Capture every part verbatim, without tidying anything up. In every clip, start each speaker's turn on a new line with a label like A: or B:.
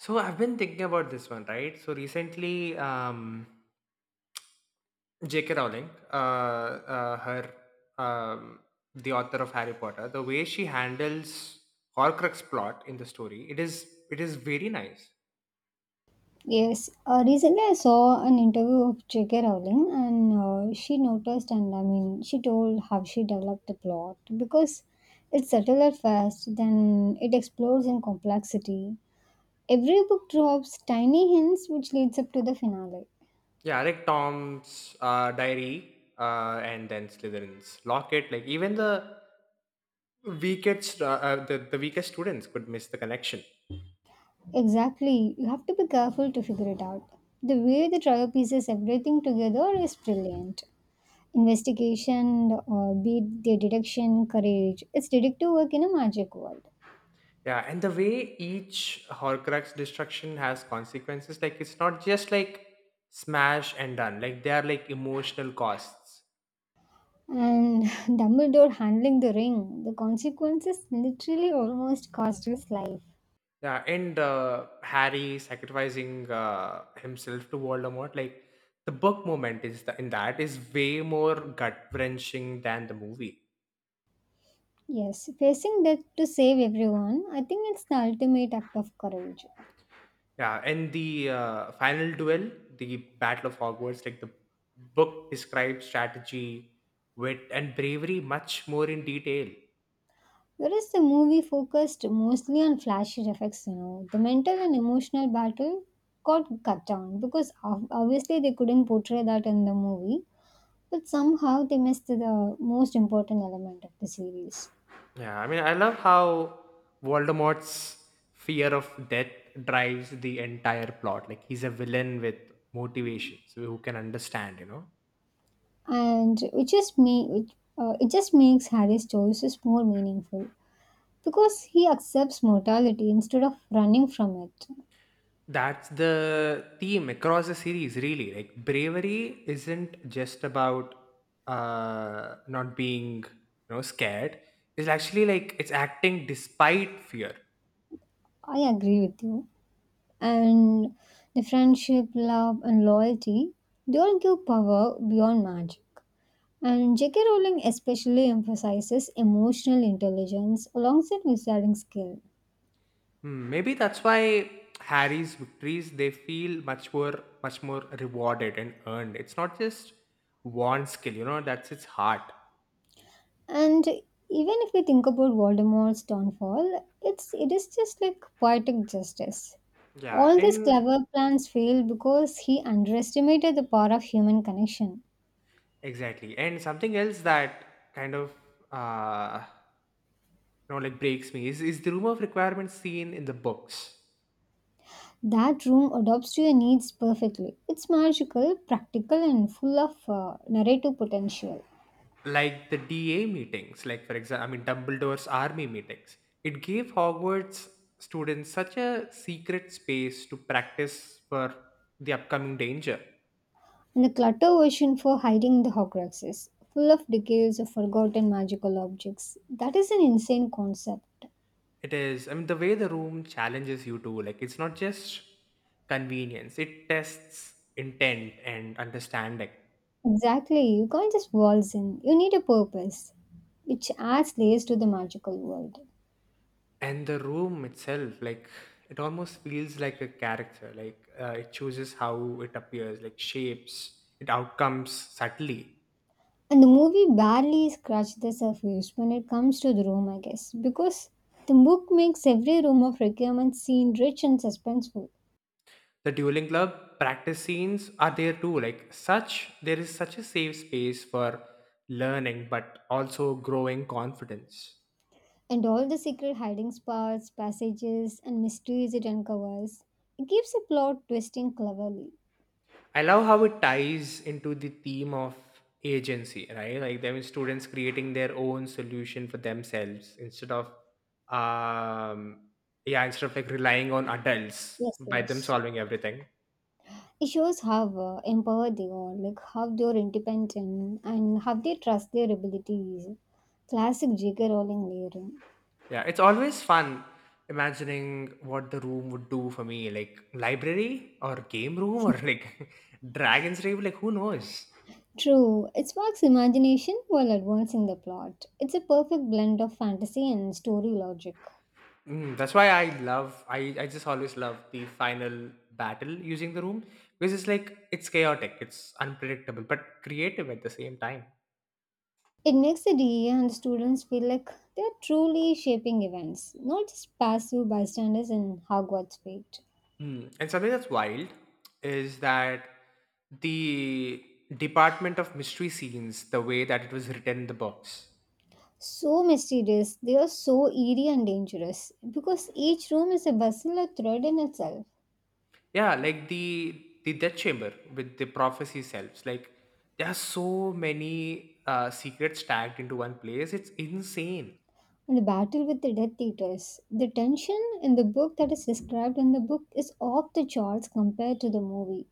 A: So I've been thinking about this one, right? So recently, um, J K. Rowling, uh, uh, her, um, the author of Harry Potter, the way she handles Horcrux plot in the story, it is it is very nice.
B: Yes, uh, recently I saw an interview of J K. Rowling, and uh, she noticed, and I mean, she told how she developed the plot because it's subtle at first, then it explodes in complexity. Every book drops tiny hints which leads up to the finale.
A: Yeah, like Tom's uh, diary, uh, and then Slytherin's locket. Like even the weakest, uh, uh, the the weakest students could miss the connection.
B: Exactly, you have to be careful to figure it out. The way the trio pieces everything together is brilliant. Investigation, uh, be it the deduction, courage, it's detective work in a magic world.
A: Yeah, and the way each Horcrux destruction has consequences, like it's not just like smash and done. Like they are like emotional costs.
B: And Dumbledore handling the ring, the consequences literally almost cost his life.
A: Yeah, and uh, Harry sacrificing uh, himself to Voldemort, like the book moment is the, in that is way more gut wrenching than the movie.
B: Yes, facing death to save everyone, I think it's the ultimate act of courage.
A: Yeah, and the uh, final duel, the Battle of Hogwarts, like the book describes strategy, wit, and bravery much more in detail.
B: Whereas the movie focused mostly on flashy effects, you know, the mental and emotional battle got cut down because ob- obviously they couldn't portray that in the movie, but somehow they missed the most important element of the series.
A: Yeah, I mean, I love how Voldemort's fear of death drives the entire plot. Like he's a villain with motivations who can understand, you know.
B: And which is me, which, uh, it just makes Harry's choices more meaningful. Because he accepts mortality instead of running from it.
A: That's the theme across the series, really. Like bravery isn't just about uh not being, you know, scared. It's actually like it's acting despite fear.
B: I agree with you. And the friendship, love, and loyalty, they all give power beyond magic. And J K. Rowling especially emphasizes emotional intelligence alongside wizarding skill.
A: Hmm, maybe that's why Harry's victories they feel much more much more rewarded and earned. It's not just one skill, you know, that's its heart.
B: And even if we think about Voldemort's downfall, it's it is just like poetic justice.
A: Yeah,
B: All these
A: and
B: clever plans failed because he underestimated the power of human connection.
A: exactly. And something else that kind of uh you know like breaks me is is the room of requirements seen in the books.
B: That room adapts to your needs perfectly. It's magical, practical, and full of uh, narrative potential.
A: Like the D A meetings, like for example, I mean Dumbledore's army meetings. It gave Hogwarts students such a secret space to practice for the upcoming danger.
B: And the clutter version for hiding the Horcruxes, full of decades of forgotten magical objects. That is an insane concept.
A: It is. I mean, the way the room challenges you too. Like, it's not just convenience. It tests intent and understanding.
B: Exactly, you can't just waltz in. You need a purpose, which adds layers to the magical world.
A: And the room itself, like, it almost feels like a character. Like, uh, it chooses how it appears, like shapes, it outcomes subtly.
B: And the movie barely scratched the surface when it comes to the room, I guess, because the book makes every room of requirement scene rich and suspenseful.
A: The dueling club practice scenes are there too. Like, such there is such a safe space for learning, but also growing confidence.
B: And all the secret hiding spots, passages, and mysteries it uncovers. It keeps the plot twisting cleverly.
A: I love how it ties into the theme of agency, right? Like, I mean, students creating their own solution for themselves instead of, um, yeah, instead of like relying on adults
B: Yes,
A: by them
B: yes.
A: solving everything.
B: It shows how uh, empowered they are, like how they are independent and how they trust their abilities. Classic J K. Rowling layering.
A: Yeah, it's always fun imagining what the room would do for me, like library or game room or like dragon's rave. Like, who knows?
B: True, it sparks imagination while advancing the plot. It's a perfect blend of fantasy and story logic.
A: Mm, that's why I love I, I just always love the final battle using the room because it's like it's chaotic, it's unpredictable, but creative at the same time.
B: It makes the D E A and the students feel like they're truly shaping events, not just passive bystanders in Hogwarts Fate.
A: Mm. And something that's wild is that the department of mystery scenes, the way that it was written in the books.
B: So mysterious, they are so eerie and dangerous because each room is a bustle or thread in itself.
A: Yeah, like the the death chamber with the prophecy selves. Like there are so many uh, secrets tagged into one place. It's insane.
B: And the battle with the Death Eaters, the tension in the book that is described in the book is off the charts compared to the movie.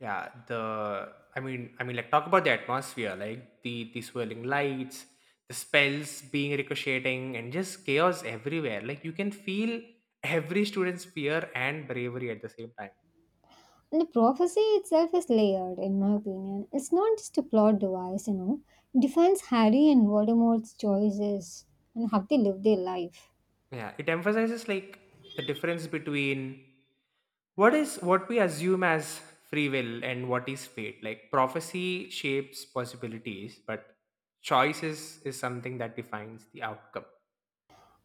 A: Yeah, the I mean, I mean, like talk about the atmosphere, like the the swirling lights, the spells being ricocheting, and just chaos everywhere. Like you can feel every student's fear and bravery at the same time.
B: And the prophecy itself is layered, in my opinion. It's not just a plot device, you know. It defines Harry and Voldemort's choices and how they live their life.
A: Yeah, it emphasizes like the difference between what is what we assume as free will and what is fate. Like prophecy shapes possibilities, but choice is, is something that defines the outcome.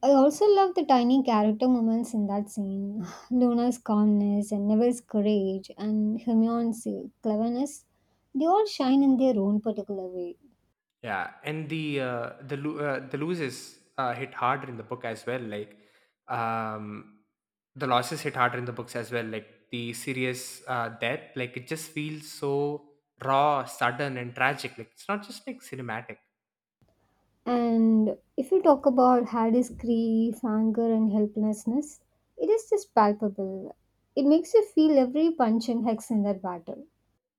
B: I also love the tiny character moments in that scene. Luna's calmness and Neville's courage and Hermione's cleverness, they all shine in their own particular way.
A: Yeah, and the uh, the lo- uh, the loses uh, hit harder in the book as well. Like um, the losses hit harder in the books as well. Like the serious uh, death, like it just feels so raw, sudden, and tragic. Like it's not just like cinematic.
B: And if you talk about Harry's grief, anger, and helplessness, it is just palpable. It makes you feel every punch and hex in that battle.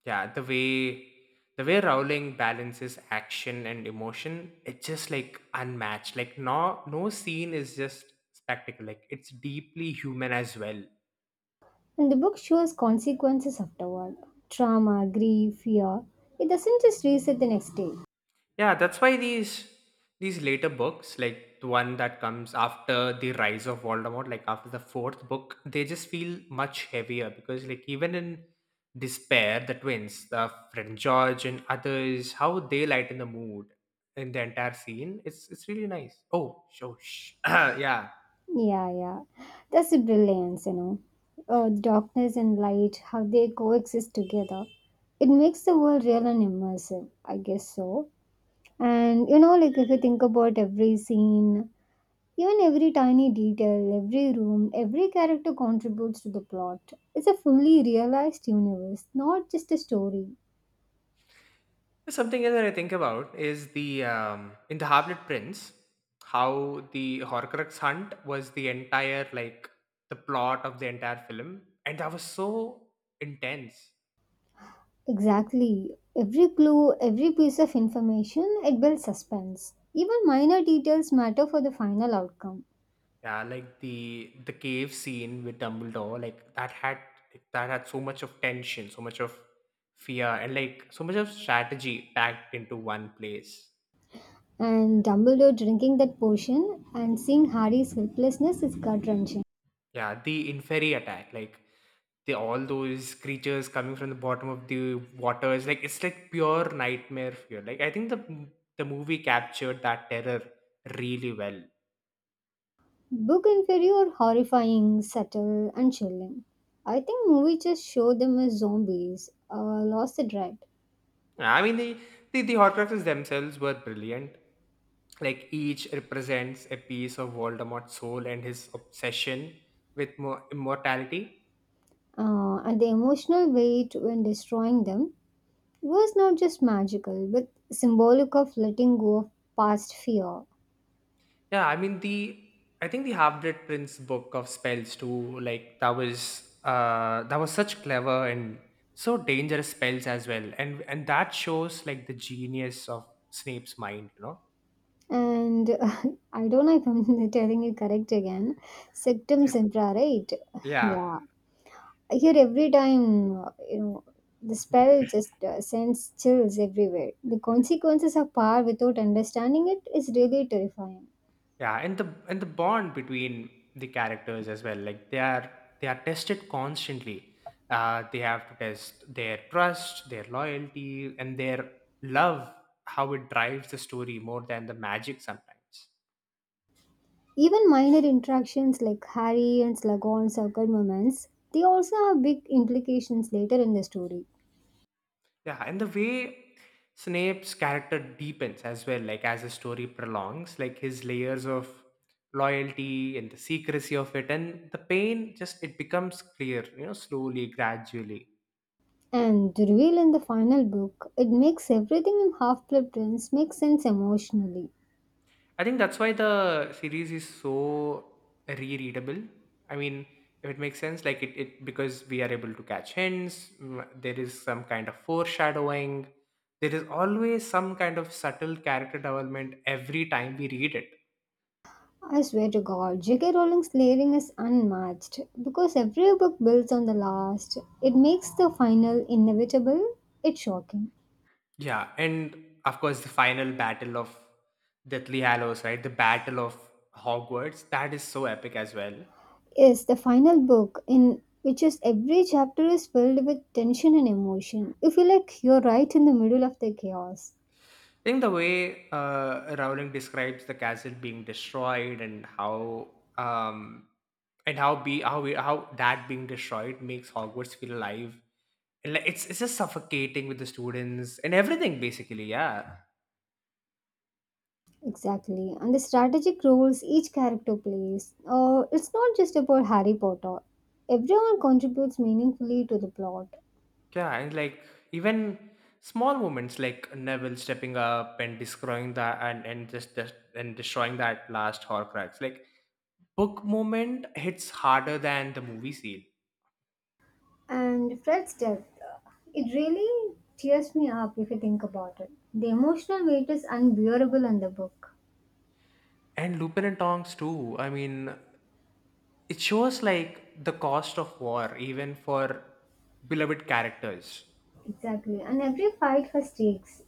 A: Yeah, the way the way Rowling balances action and emotion, it's just like unmatched. Like no no scene is just spectacle. Like it's deeply human as well.
B: And the book shows consequences afterward trauma, grief, fear. It doesn't just reset the next day.
A: Yeah, that's why these these later books, like the one that comes after the rise of Voldemort, like after the fourth book, they just feel much heavier because like even in despair, the twins, the friend George and others, how they lighten the mood in the entire scene. It's it's really nice. Oh, so sh- yeah.
B: Yeah, yeah. That's the brilliance, you know. Uh, darkness and light, how they coexist together. It makes the world real and immersive, I guess so. And you know, like if you think about every scene, even every tiny detail, every room, every character contributes to the plot. It's a fully realized universe, not just a story.
A: Something else that I think about is the um, in the Harplet Prince, how the Horcrux hunt was the entire like the plot of the entire film, and that was so intense.
B: Exactly. Every clue, every piece of information, it builds suspense. Even minor details matter for the final outcome.
A: Yeah, like the the cave scene with Dumbledore, like that had that had so much of tension, so much of fear, and like so much of strategy packed into one place.
B: And Dumbledore drinking that potion and seeing Harry's helplessness is gut wrenching.
A: Yeah, the inferi attack, like the all those creatures coming from the bottom of the waters, like it's like pure nightmare fear. Like I think the the movie captured that terror really well.
B: Book inferior, horrifying, subtle, and chilling. I think movie just showed them as zombies, uh, lost the dread.
A: I mean the the, the Horcruxes themselves were brilliant. Like each represents a piece of Voldemort's soul and his obsession with mo- immortality.
B: Uh, and the emotional weight when destroying them was not just magical, but symbolic of letting go of past fear.
A: Yeah, I mean the I think the Half-Blood Prince book of spells too, like that was uh that was such clever and so dangerous spells as well. And and that shows like the genius of Snape's mind, you know?
B: And I don't know if I'm telling you correct again. Septum
A: Like,
B: sempra, right?
A: yeah.
B: Yeah. I hear every time, uh, you know, the spell just uh, sends chills everywhere. The consequences of power without understanding it is really terrifying.
A: Yeah, and the and the bond between the characters as well. Like they are they are tested constantly. Uh they have to test their trust, their loyalty, and their love, how it drives the story more than the magic sometimes.
B: Even minor interactions like Harry and Slughorn's awkward moments, they also have big implications later in the story.
A: Yeah, and the way Snape's character deepens as well, like as the story prolongs, like his layers of loyalty and the secrecy of it and the pain just it becomes clear, you know, slowly, gradually.
B: And the reveal in the final book, it makes everything in Half-Blood Prince make sense emotionally.
A: I think that's why the series is so rereadable. I mean, if it makes sense, like it, it because we are able to catch hints, mm, there is some kind of foreshadowing, there is always some kind of subtle character development every time we read it.
B: I swear to God, J K. Rowling's layering is unmatched because every book builds on the last. It makes the final inevitable. It's shocking.
A: Yeah, and of course the final battle of Deathly Hallows, right? The Battle of Hogwarts. That is so epic as well. I
B: Yes, the final book in which is every chapter is filled with tension and emotion. You feel like you're right in the middle of the chaos.
A: think the way uh, Rowling describes the castle being destroyed and how um and how be how we, how that being destroyed makes Hogwarts feel alive. And like, it's it's just suffocating with the students and everything basically. Yeah.
B: Exactly, and the strategic roles each character plays. Uh, it's not just about Harry Potter. Everyone contributes meaningfully to the plot.
A: Yeah, and like even small moments like Neville stepping up and destroying that and and just just- and destroying that last Horcrux. Like book moment hits harder than the movie scene,
B: And Fred's death, uh, it really tears me up if you think about it. The emotional weight is unbearable in the book.
A: and Lupin and Tonks too. I mean, it shows like the cost of war even for beloved characters.
B: Exactly. And every fight has stakes.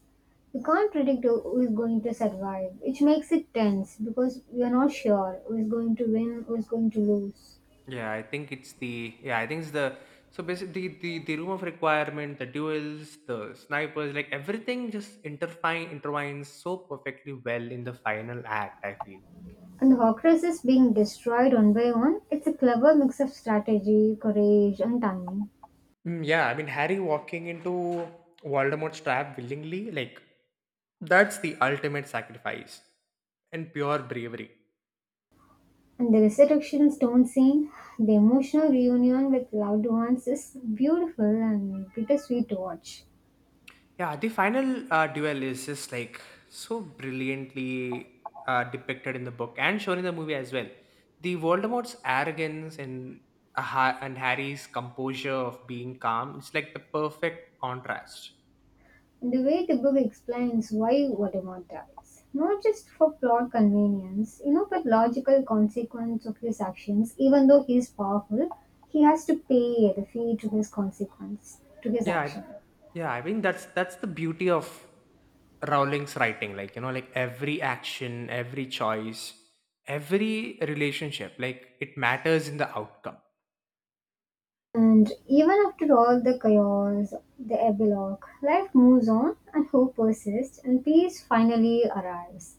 B: You can't predict who who is going to survive, which makes it tense because we are not sure who is going to win, who is going to lose.
A: Yeah, I think it's the yeah, I think it's the so basically the, the, the room of requirement, the duels, the snipers, like everything just intertwine intertwines so perfectly well in the final act, I feel.
B: And the Horcrux is being destroyed one by one. It's a clever mix of strategy, courage, and timing.
A: Mm, yeah, I mean Harry walking into Voldemort's trap willingly, like that's the ultimate sacrifice and pure bravery.
B: And the resurrection stone scene, the emotional reunion with loved ones is beautiful and bittersweet to watch.
A: Yeah, the final uh, duel is just like so brilliantly uh, depicted in the book and shown in the movie as well. The Voldemort's arrogance and uh, Ha- and Harry's composure of being calm, it's like the perfect contrast.
B: And the way the book explains why Voldemort dies, not just for plot convenience, you know, but logical consequence of his actions. Even though he is powerful, he has to pay the fee to his consequence, to his
A: Yeah, I-
B: action.
A: yeah, I mean that's that's the beauty of Rowling's writing, like you know, like every action, every choice, every relationship, like it matters in the outcome.
B: And even after all the chaos, the epilogue, life moves on and hope persists and peace finally arrives.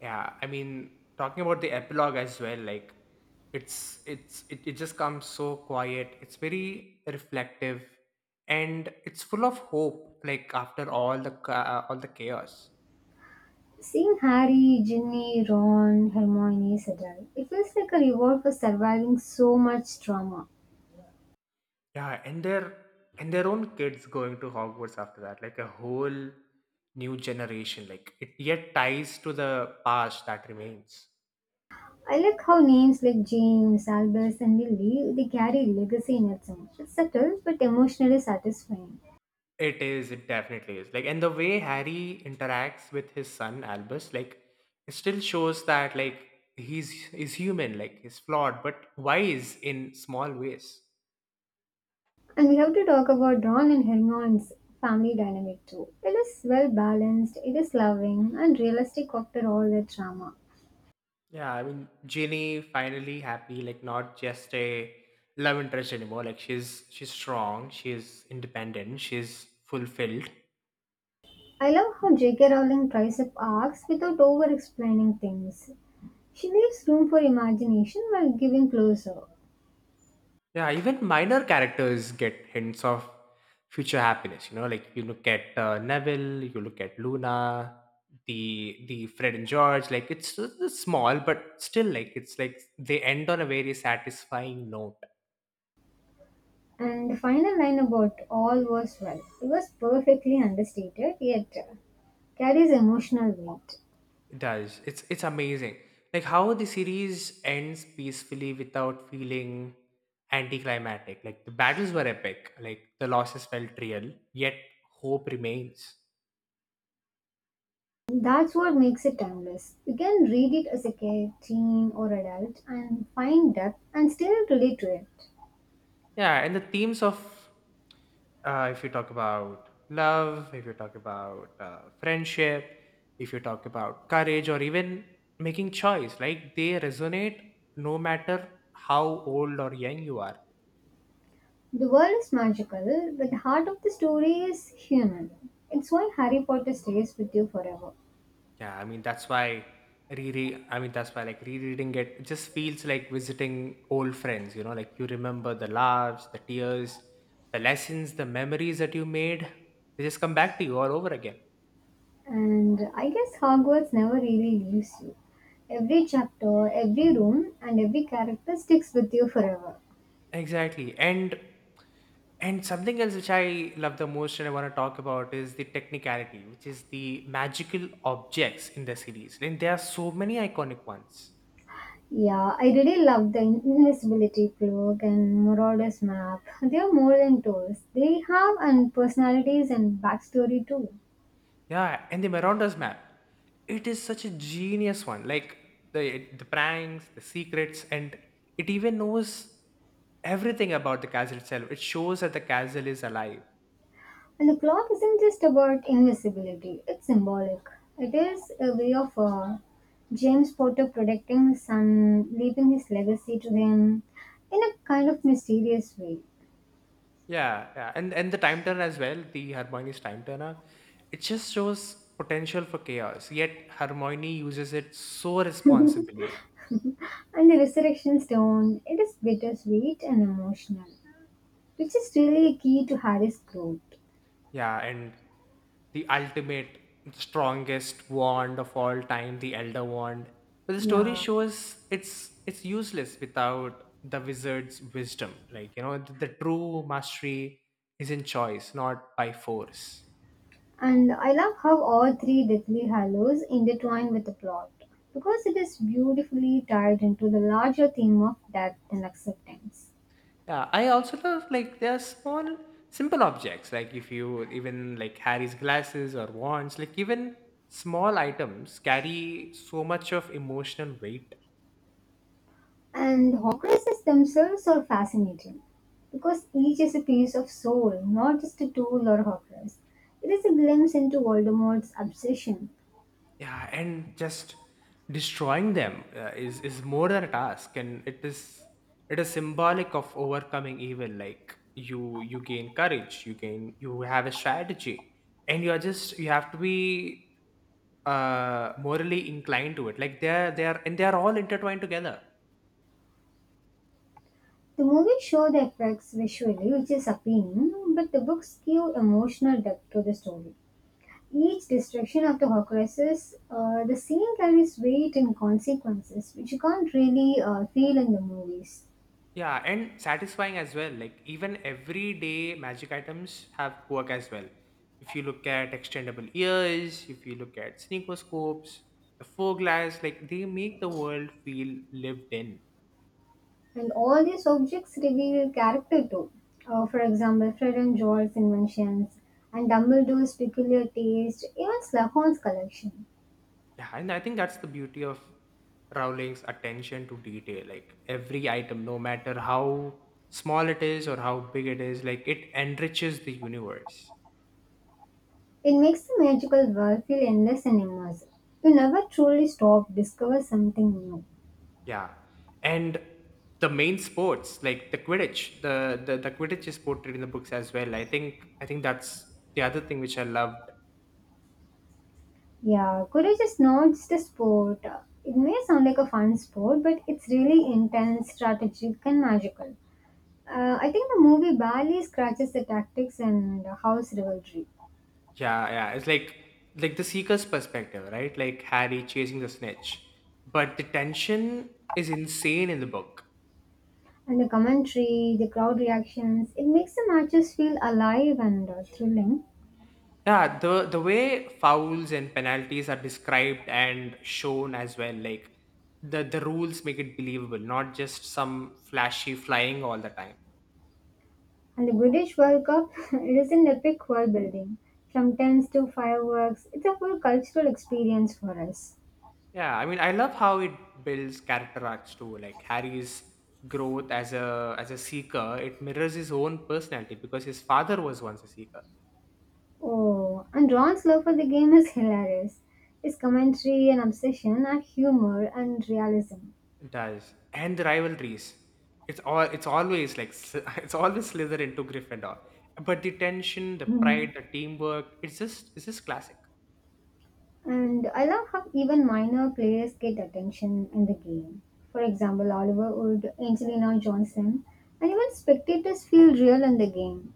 A: Yeah, I mean, talking about the epilogue as well, like it's it's it, it just comes so quiet. It's very reflective, and it's full of hope. Like after all the ca- all the chaos,
B: Seeing Harry, Ginny, Ron, Hermione settle, it feels like a reward for surviving so much trauma.
A: yeah, and their and their own kids going to Hogwarts after that, like a whole new generation. Like it yet ties to the past that remains.
B: I like how names like James, Albus, and Lily they carry legacy in it, so it's subtle but emotionally satisfying.
A: It is, it definitely is. Like, and the way Harry interacts with his son Albus, like, it still shows that like he's is human, like he's flawed, but wise in small ways.
B: And we have to talk about Ron and Hermione's family dynamic too. It is well balanced, it is loving, and realistic after all the drama.
A: Yeah, I mean, Ginny finally happy, like not just a love interest anymore. Like she's she's strong, she's independent, she's fulfilled.
B: I love how J K. Rowling tries up arcs without over explaining things. She leaves room for imagination while giving closure.
A: Yeah, even minor characters get hints of future happiness. You know, like you look at uh, Neville, you look at Luna, the the Fred and George. Like it's, it's small, but still, like it's like they end on a very satisfying note.
B: And the final line about all was well. It was perfectly understated, yet carries emotional weight.
A: It does, it's it's amazing. Like how the series ends peacefully without feeling anticlimactic. Like the battles were epic. Like the losses felt real, yet hope remains.
B: That's what makes it timeless. You can read it as a kid, teen, or adult and find depth and still relate to it.
A: Yeah, and the themes of uh, if you talk about love, if you talk about uh, friendship, if you talk about courage, or even making choice, like they resonate no matter how old or young you are.
B: The world is magical, but the heart of the story is human. It's why Harry Potter stays with you forever.
A: Yeah, I mean that's why reread. I mean that's why like rereading it, it just feels like visiting old friends. You know, like you remember the laughs, the tears, the lessons, the memories that you made. They just come back to you all over again.
B: And I guess Hogwarts never really leaves you. Every chapter, every room, and every character sticks with you forever.
A: Exactly. And and something else which I love the most and I want to talk about is the technicality, which is the magical objects in the series. And there are so many iconic ones.
B: Yeah, I really love the invisibility cloak and Marauders map. They are more than tools. They have and personalities and backstory too.
A: Yeah, and the Marauders map. It is such a genius one. Like the the pranks, the secrets, and it even knows everything about the castle itself. It shows that the castle is alive.
B: And the clock isn't just about invisibility, it's symbolic. It is a way of uh, James Potter protecting his son, leaving his legacy to him in a kind of mysterious way.
A: Yeah, yeah, and and the time turner as well. The Hermione's time turner, it just shows potential for chaos. Yet Hermione uses it so responsibly.
B: And the resurrection stone, it is bittersweet and emotional, which is really a key to Harry's growth.
A: Yeah, and the ultimate, strongest wand of all time, the Elder Wand. But the story
B: Yeah.
A: shows it's it's useless without the wizard's wisdom. Like you know, the, the true mastery is in choice, not by force.
B: And I love how all three deathly hallows intertwine with the plot because it is beautifully tied into the larger theme of death and acceptance.
A: Yeah, I also love like there are small, simple objects. Like if you even like Harry's glasses or wands, like even small items carry so much of emotional weight.
B: And Horcruxes themselves are fascinating because each is a piece of soul, not just a tool or Horcrux. It is a glimpse into Voldemort's obsession.
A: Yeah, and just destroying them uh, is is more than a task, and it is it is symbolic of overcoming evil. Like you you gain courage, you gain you have a strategy, and you are just you have to be uh morally inclined to it. Like they're they're and they're all intertwined together.
B: The movies show the effects visually, which is appealing, but the books give emotional depth to the story. Each destruction of the Horcruxes, uh, the scene carries weight and consequences, which you can't really uh, feel in the movies.
A: Yeah, and satisfying as well. Like even everyday magic items have work as well. If you look at extendable ears, if you look at sneaker scopes, the fog glass, like they make the world feel lived in.
B: And all these objects reveal character too. Uh, for example, Fred and George's inventions, and Dumbledore's peculiar taste, even Slughorn's collection.
A: Yeah, and I think that's the beauty of Rowling's attention to detail. Like every item, no matter how small it is or how big it is, like it enriches the universe.
B: It makes the magical world feel endless and immersive. You never truly stop, discover something new.
A: Yeah. And the main sports, like the Quidditch, the, the the Quidditch is portrayed in the books as well. I think I think that's the other thing which I loved.
B: Yeah, courage is not just a sport. It may sound like a fun sport, but it's really intense, strategic, and magical. Uh, I think the movie barely scratches the tactics and the house rivalry.
A: Yeah, yeah. It's like like the seeker's perspective, right? Like Harry chasing the snitch. But the tension is insane in the book.
B: And the commentary, the crowd reactions, it makes the matches feel alive and uh, thrilling.
A: Yeah, the the way fouls and penalties are described and shown as well, like the the rules make it believable, not just some flashy flying all the time.
B: And the British World Cup, it is an epic world building. From tents to fireworks, it's a full cultural experience for us.
A: Yeah, I mean, I love how it builds character arcs too. Like Harry's growth as a as a seeker, it mirrors his own personality because his father was once a seeker.
B: Oh, and Ron's love for the game is hilarious. His commentary and obsession are humor and realism.
A: It does, and the rivalries. It's all. It's always like Sly- it's always Slytherin to Gryffindor. But the tension, the
B: Mhm.
A: pride, the teamwork. It's just it's just classic.
B: And I love how even minor players get attention in the game. For example, Oliver Wood, Angelina Johnson, and even spectators feel real in the game.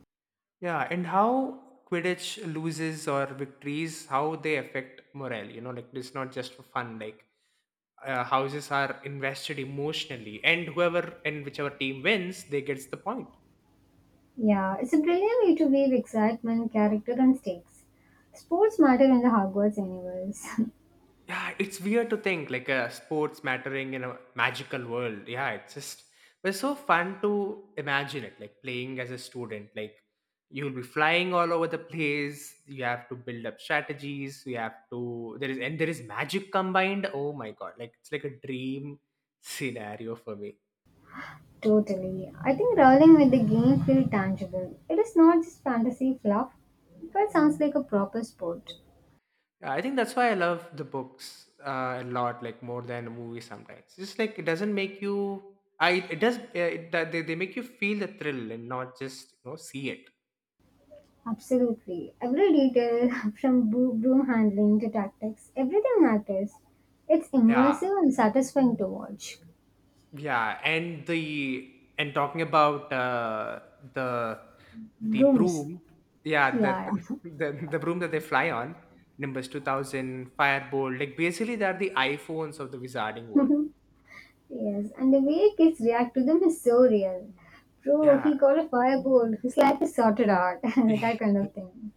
A: Yeah, and how Quidditch loses or victories, how they affect morale. You know, like it's not just for fun. Like uh, houses are invested emotionally and whoever and whichever team wins they gets the point.
B: Yeah, it's a brilliant way to weave excitement, character, and stakes. Sports matter in the Hogwarts universe.
A: Yeah, it's weird to think like a sports mattering in a magical world. Yeah, it's just but it's so fun to imagine it like playing as a student. Like you'll be flying all over the place, you have to build up strategies, you have to there is and there is magic combined. Oh my god, like it's like a dream scenario for me.
B: Totally. I think rolling with the game feel tangible. It is not just fantasy fluff. It quite sounds like a proper sport.
A: Yeah, I think that's why I love the books uh, a lot, like more than a movie sometimes. Just like it doesn't make you, I it does uh, it, that they they make you feel the thrill and not just you know see it.
B: Absolutely. Every detail, from bo- broom handling to tactics, everything matters. It's
A: Yeah,
B: immersive and satisfying to watch.
A: yeah, and the and talking about uh, the the
B: Brooms.
A: broom, yeah, the,
B: Yeah.
A: the the the broom that they fly on, Nimbus two thousand, Firebolt, like basically they're the iPhones of the wizarding
B: Yeah.
A: world.
B: Yes. And the way kids react to them is so real. Bro,
A: Yeah.
B: he got a firebolt. His life is sorted out. That kind of thing.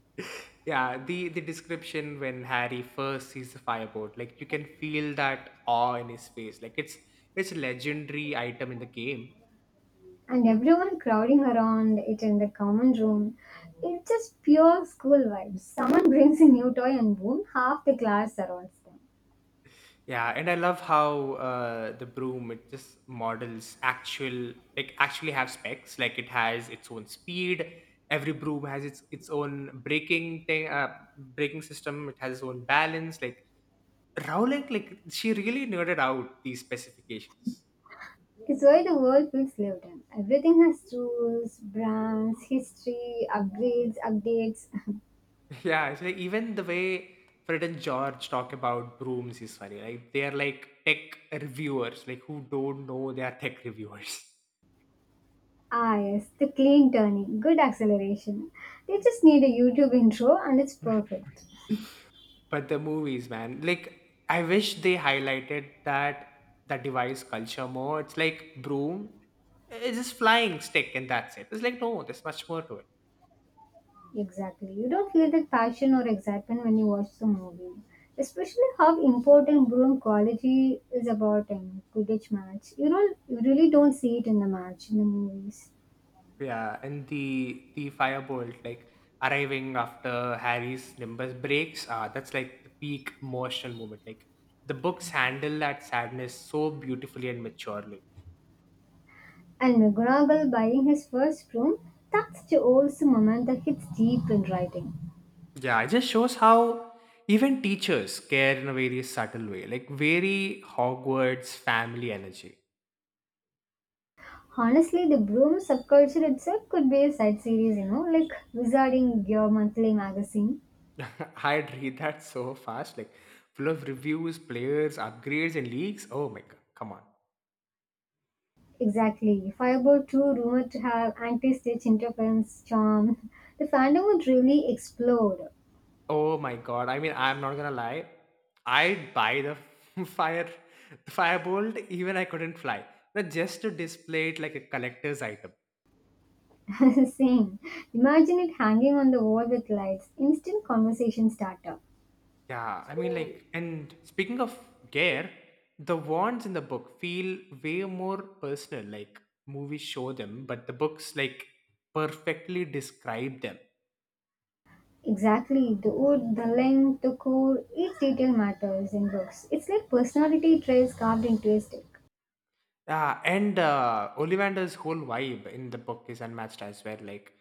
A: Yeah, the the description when Harry first sees the Firebolt, like you can feel that awe in his face, like it's it's a legendary item in the game.
B: And everyone crowding around it in the common room. It's just pure school vibes. Someone brings a new toy and boom, half the class surrounds them.
A: Yeah, and I love how uh the broom it just models actual like actually have specs. Like it has its own speed, every broom has its its own braking thing, uh braking system, it has its own balance. Like Rowling, like she really nerded out these specifications.
B: It's why the world feels lived in. Everything has rules, brands, history, upgrades, updates.
A: Yeah, so even the way Fred and George talk about brooms is funny. Like they are like tech reviewers, like who don't know they are tech reviewers.
B: Ah yes, the clean turning, good acceleration. They just need a YouTube intro and it's perfect.
A: But the movies, man, like I wish they highlighted that the device culture more. It's like broom, it's just flying stick and that's it. It's like no, there's much more to it.
B: Exactly. You don't feel that passion or excitement when you watch the movie. Especially how important Broome quality is about in Quidditch match. You don't you really don't see it in the match in the movies.
A: Yeah, and the the Firebolt like arriving after Harry's Nimbus breaks. Ah, that's like the peak emotional moment. Like the books handle that sadness so beautifully and maturely.
B: And McGonagall buying his first broom, that's the also moment that hits deep in writing.
A: Yeah, it just shows how even teachers care in a very subtle way, like very Hogwarts family energy.
B: Honestly, the broom subculture itself could be a side series, you know, like Wizarding Your Monthly Magazine.
A: I'd read that so fast, like full of reviews, players, upgrades, and leaks. Oh my god, come on.
B: Exactly. Firebolt two rumored to have anti-stitch interference charm. The fandom would really explode.
A: Oh my god. I mean, I'm not gonna lie. I'd buy the fire Firebolt even I couldn't fly. But just to display it like a collector's item.
B: Same. Imagine it hanging on the wall with lights. Instant conversation starter.
A: Yeah, I mean like, and speaking of gear, the wands in the book feel way more personal, like movies show them, but the books like perfectly describe them.
B: Exactly. The wood, the length, the core, each detail matters in books. It's like personality traits carved into a stick.
A: Yeah, and uh, Ollivander's whole vibe in the book is unmatched as well. Like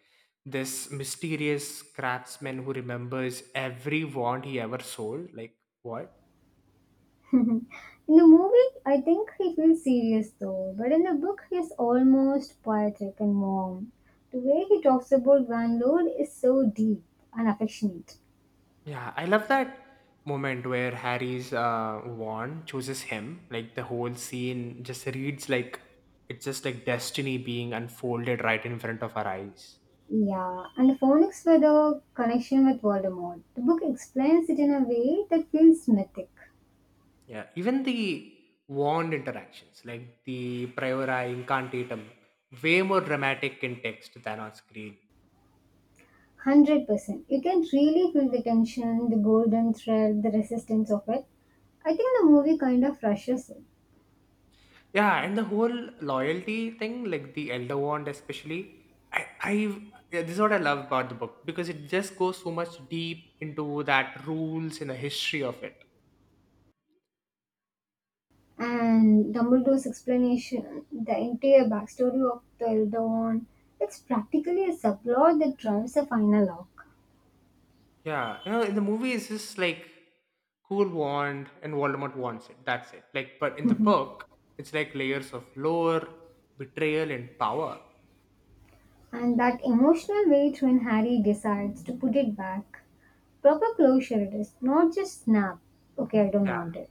A: this mysterious craftsman who remembers every wand he ever sold. Like what?
B: In the movie, I think he feels serious though, but in the book, he is almost poetic and warm. The way he talks about Van Lord is so deep and affectionate.
A: Yeah, I love that moment where Harry's uh, wand chooses him. Like the whole scene just reads like it's just like destiny being unfolded right in front of our eyes.
B: Yeah, and the phonics were the connection with Voldemort. The book explains it in a way that feels mythic.
A: Yeah, even the warned interactions, like the priorai incantatum, way more dramatic in text than on screen.
B: one hundred percent. You can really feel the tension, the golden thread, the resistance of it. I think the movie kind of rushes it.
A: Yeah, and the whole loyalty thing, like the Elder Wand especially, I, I yeah, this is what I love about the book because it just goes so much deep into that rules and the history of it.
B: And Dumbledore's explanation, the entire backstory of the Elder Wand, it's practically a subplot that drives the final arc.
A: Yeah, you know, in the movie, it's just like cool wand and Voldemort wants it. That's it. Like, but in the
B: And
A: book, it's like layers of lore, betrayal, and power.
B: that emotional weight when Harry decides to put it back. Proper closure it is, not just snap. Okay, I don't
A: Yeah.
B: want it.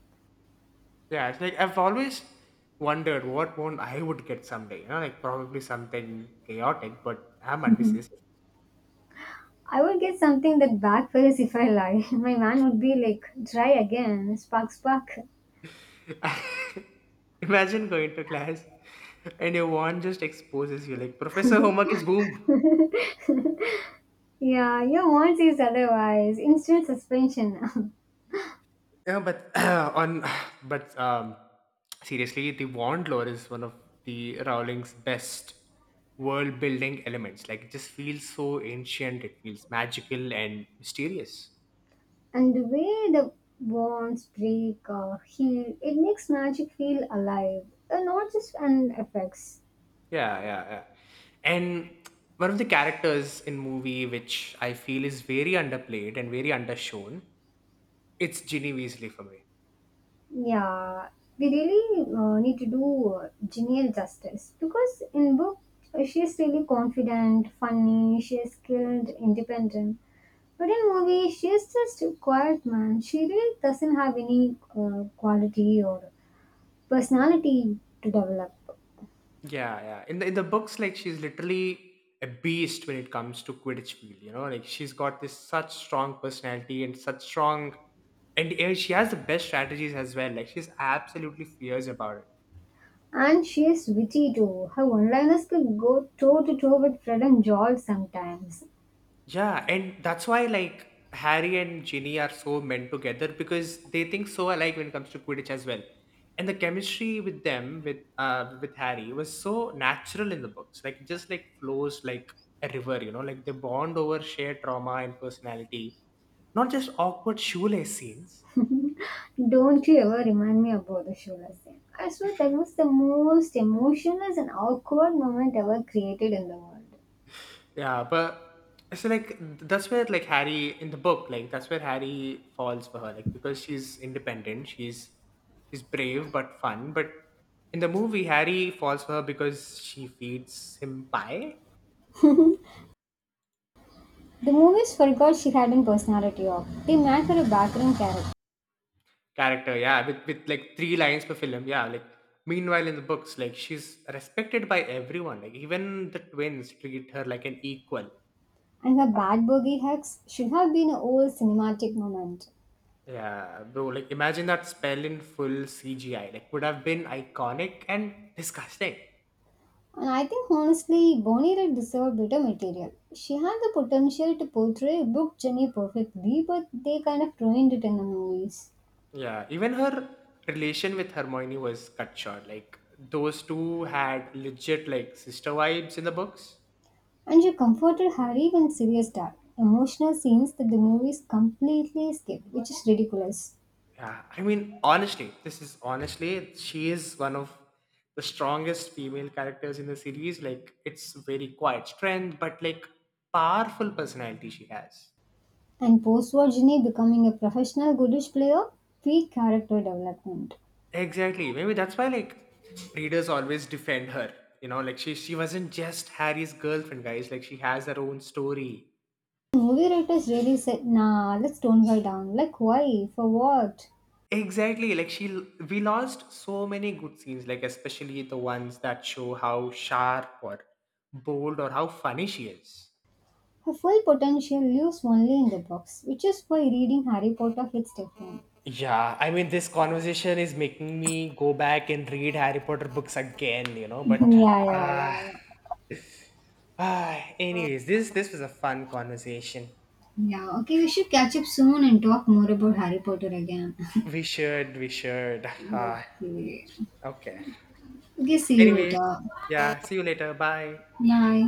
A: Yeah, it's like I've always wondered what one I would get someday. You know, like probably something chaotic, but I'm undecisive.
B: I would get something that backfires if I lie. My man would be like, try again, spark, spark.
A: Imagine going to class and your wand just exposes you like Professor homework is boom.
B: Yeah, your aunt says otherwise. Instant suspension.
A: Yeah, but on but um seriously, the wand lore is one of the Rowling's best world building elements. Like it just feels so ancient, it feels magical and mysterious.
B: And the way the bonds break or heal, it makes magic feel alive, and not just an effects.
A: Yeah, yeah, yeah. And one of the characters in movie which I feel is very underplayed and very undershown, it's Ginny Weasley for me.
B: Yeah, we really uh, need to do uh, Janiel justice because in book uh, she is really confident, funny, she is skilled, independent. But in movie, she is just a quiet man. She really doesn't have any uh, quality or personality to develop.
A: Yeah, yeah. In the in the books, like she's literally a beast when it comes to Quidditch field. You know, like she's got this such strong personality and such strong, and uh, she has the best strategies as well. Like she's absolutely fierce about it.
B: And she's witty too. Her one-liners could go toe-to-toe with Fred and George sometimes.
A: Yeah, and that's why like Harry and Ginny are so meant together because they think so alike when it comes to Quidditch as well. And the chemistry with them with uh with Harry was so natural in the books. Like it just like flows like a river, you know, like they bond over shared trauma and personality. Not just awkward shoelace scenes.
B: Don't you ever remind me about the show, Lassie. I swear that was the most emotionless and awkward moment ever created in the world.
A: Yeah, but so like that's where like Harry in the book, like that's where Harry falls for her, like because she's independent, she's she's brave but fun. But in the movie, Harry falls for her because she feeds him pie
B: The movies forgot she had a personality of. They made her a background character.
A: character, yeah, with with like three lines per film, yeah. Like meanwhile in the books, like she's respected by everyone, like even the twins treat her like an equal.
B: And her bad boogie hugs should have been an old cinematic moment.
A: Yeah, bro, like imagine that spell in full C G I. Like would have been iconic and disgusting.
B: And I think honestly, Bonnie Raitt deserved better material. She had the potential to portray Brooke Jenny perfectly, but they kind of ruined it in the movies.
A: Yeah, even her relation with Hermione was cut short. Like those two had legit like sister vibes in the books.
B: And she comforted Harry when Sirius died. Emotional scenes that the movies completely skipped, which is ridiculous.
A: Yeah, I mean honestly, this is honestly she is one of the strongest female characters in the series. Like it's very quiet strength, but like powerful personality she has.
B: And post-war Ginny becoming a professional goodish player, peak character development.
A: Exactly. Maybe that's why like readers always defend her. You know, like she she wasn't just Harry's girlfriend, guys. Like she has her own story.
B: Movie writers really said, nah, let's tone her down. Like why? For what?
A: Exactly, like she l- we lost so many good scenes, like especially the ones that show how sharp or bold or how funny she is.
B: Her full potential lives only in the books, which is why reading Harry Potter hits different.
A: Yeah, I mean, this conversation is making me go back and read Harry Potter books again, you know.
B: Yeah,
A: But
B: yeah,
A: uh,
B: yeah, yeah.
A: ah, anyways, this this was a fun conversation.
B: Yeah, okay, we should catch up soon and talk more about Harry Potter again.
A: We should, we should. Uh,
B: Okay.
A: okay.
B: Okay, see you
A: Anyways,
B: later.
A: yeah. See you later. Bye.
B: Bye.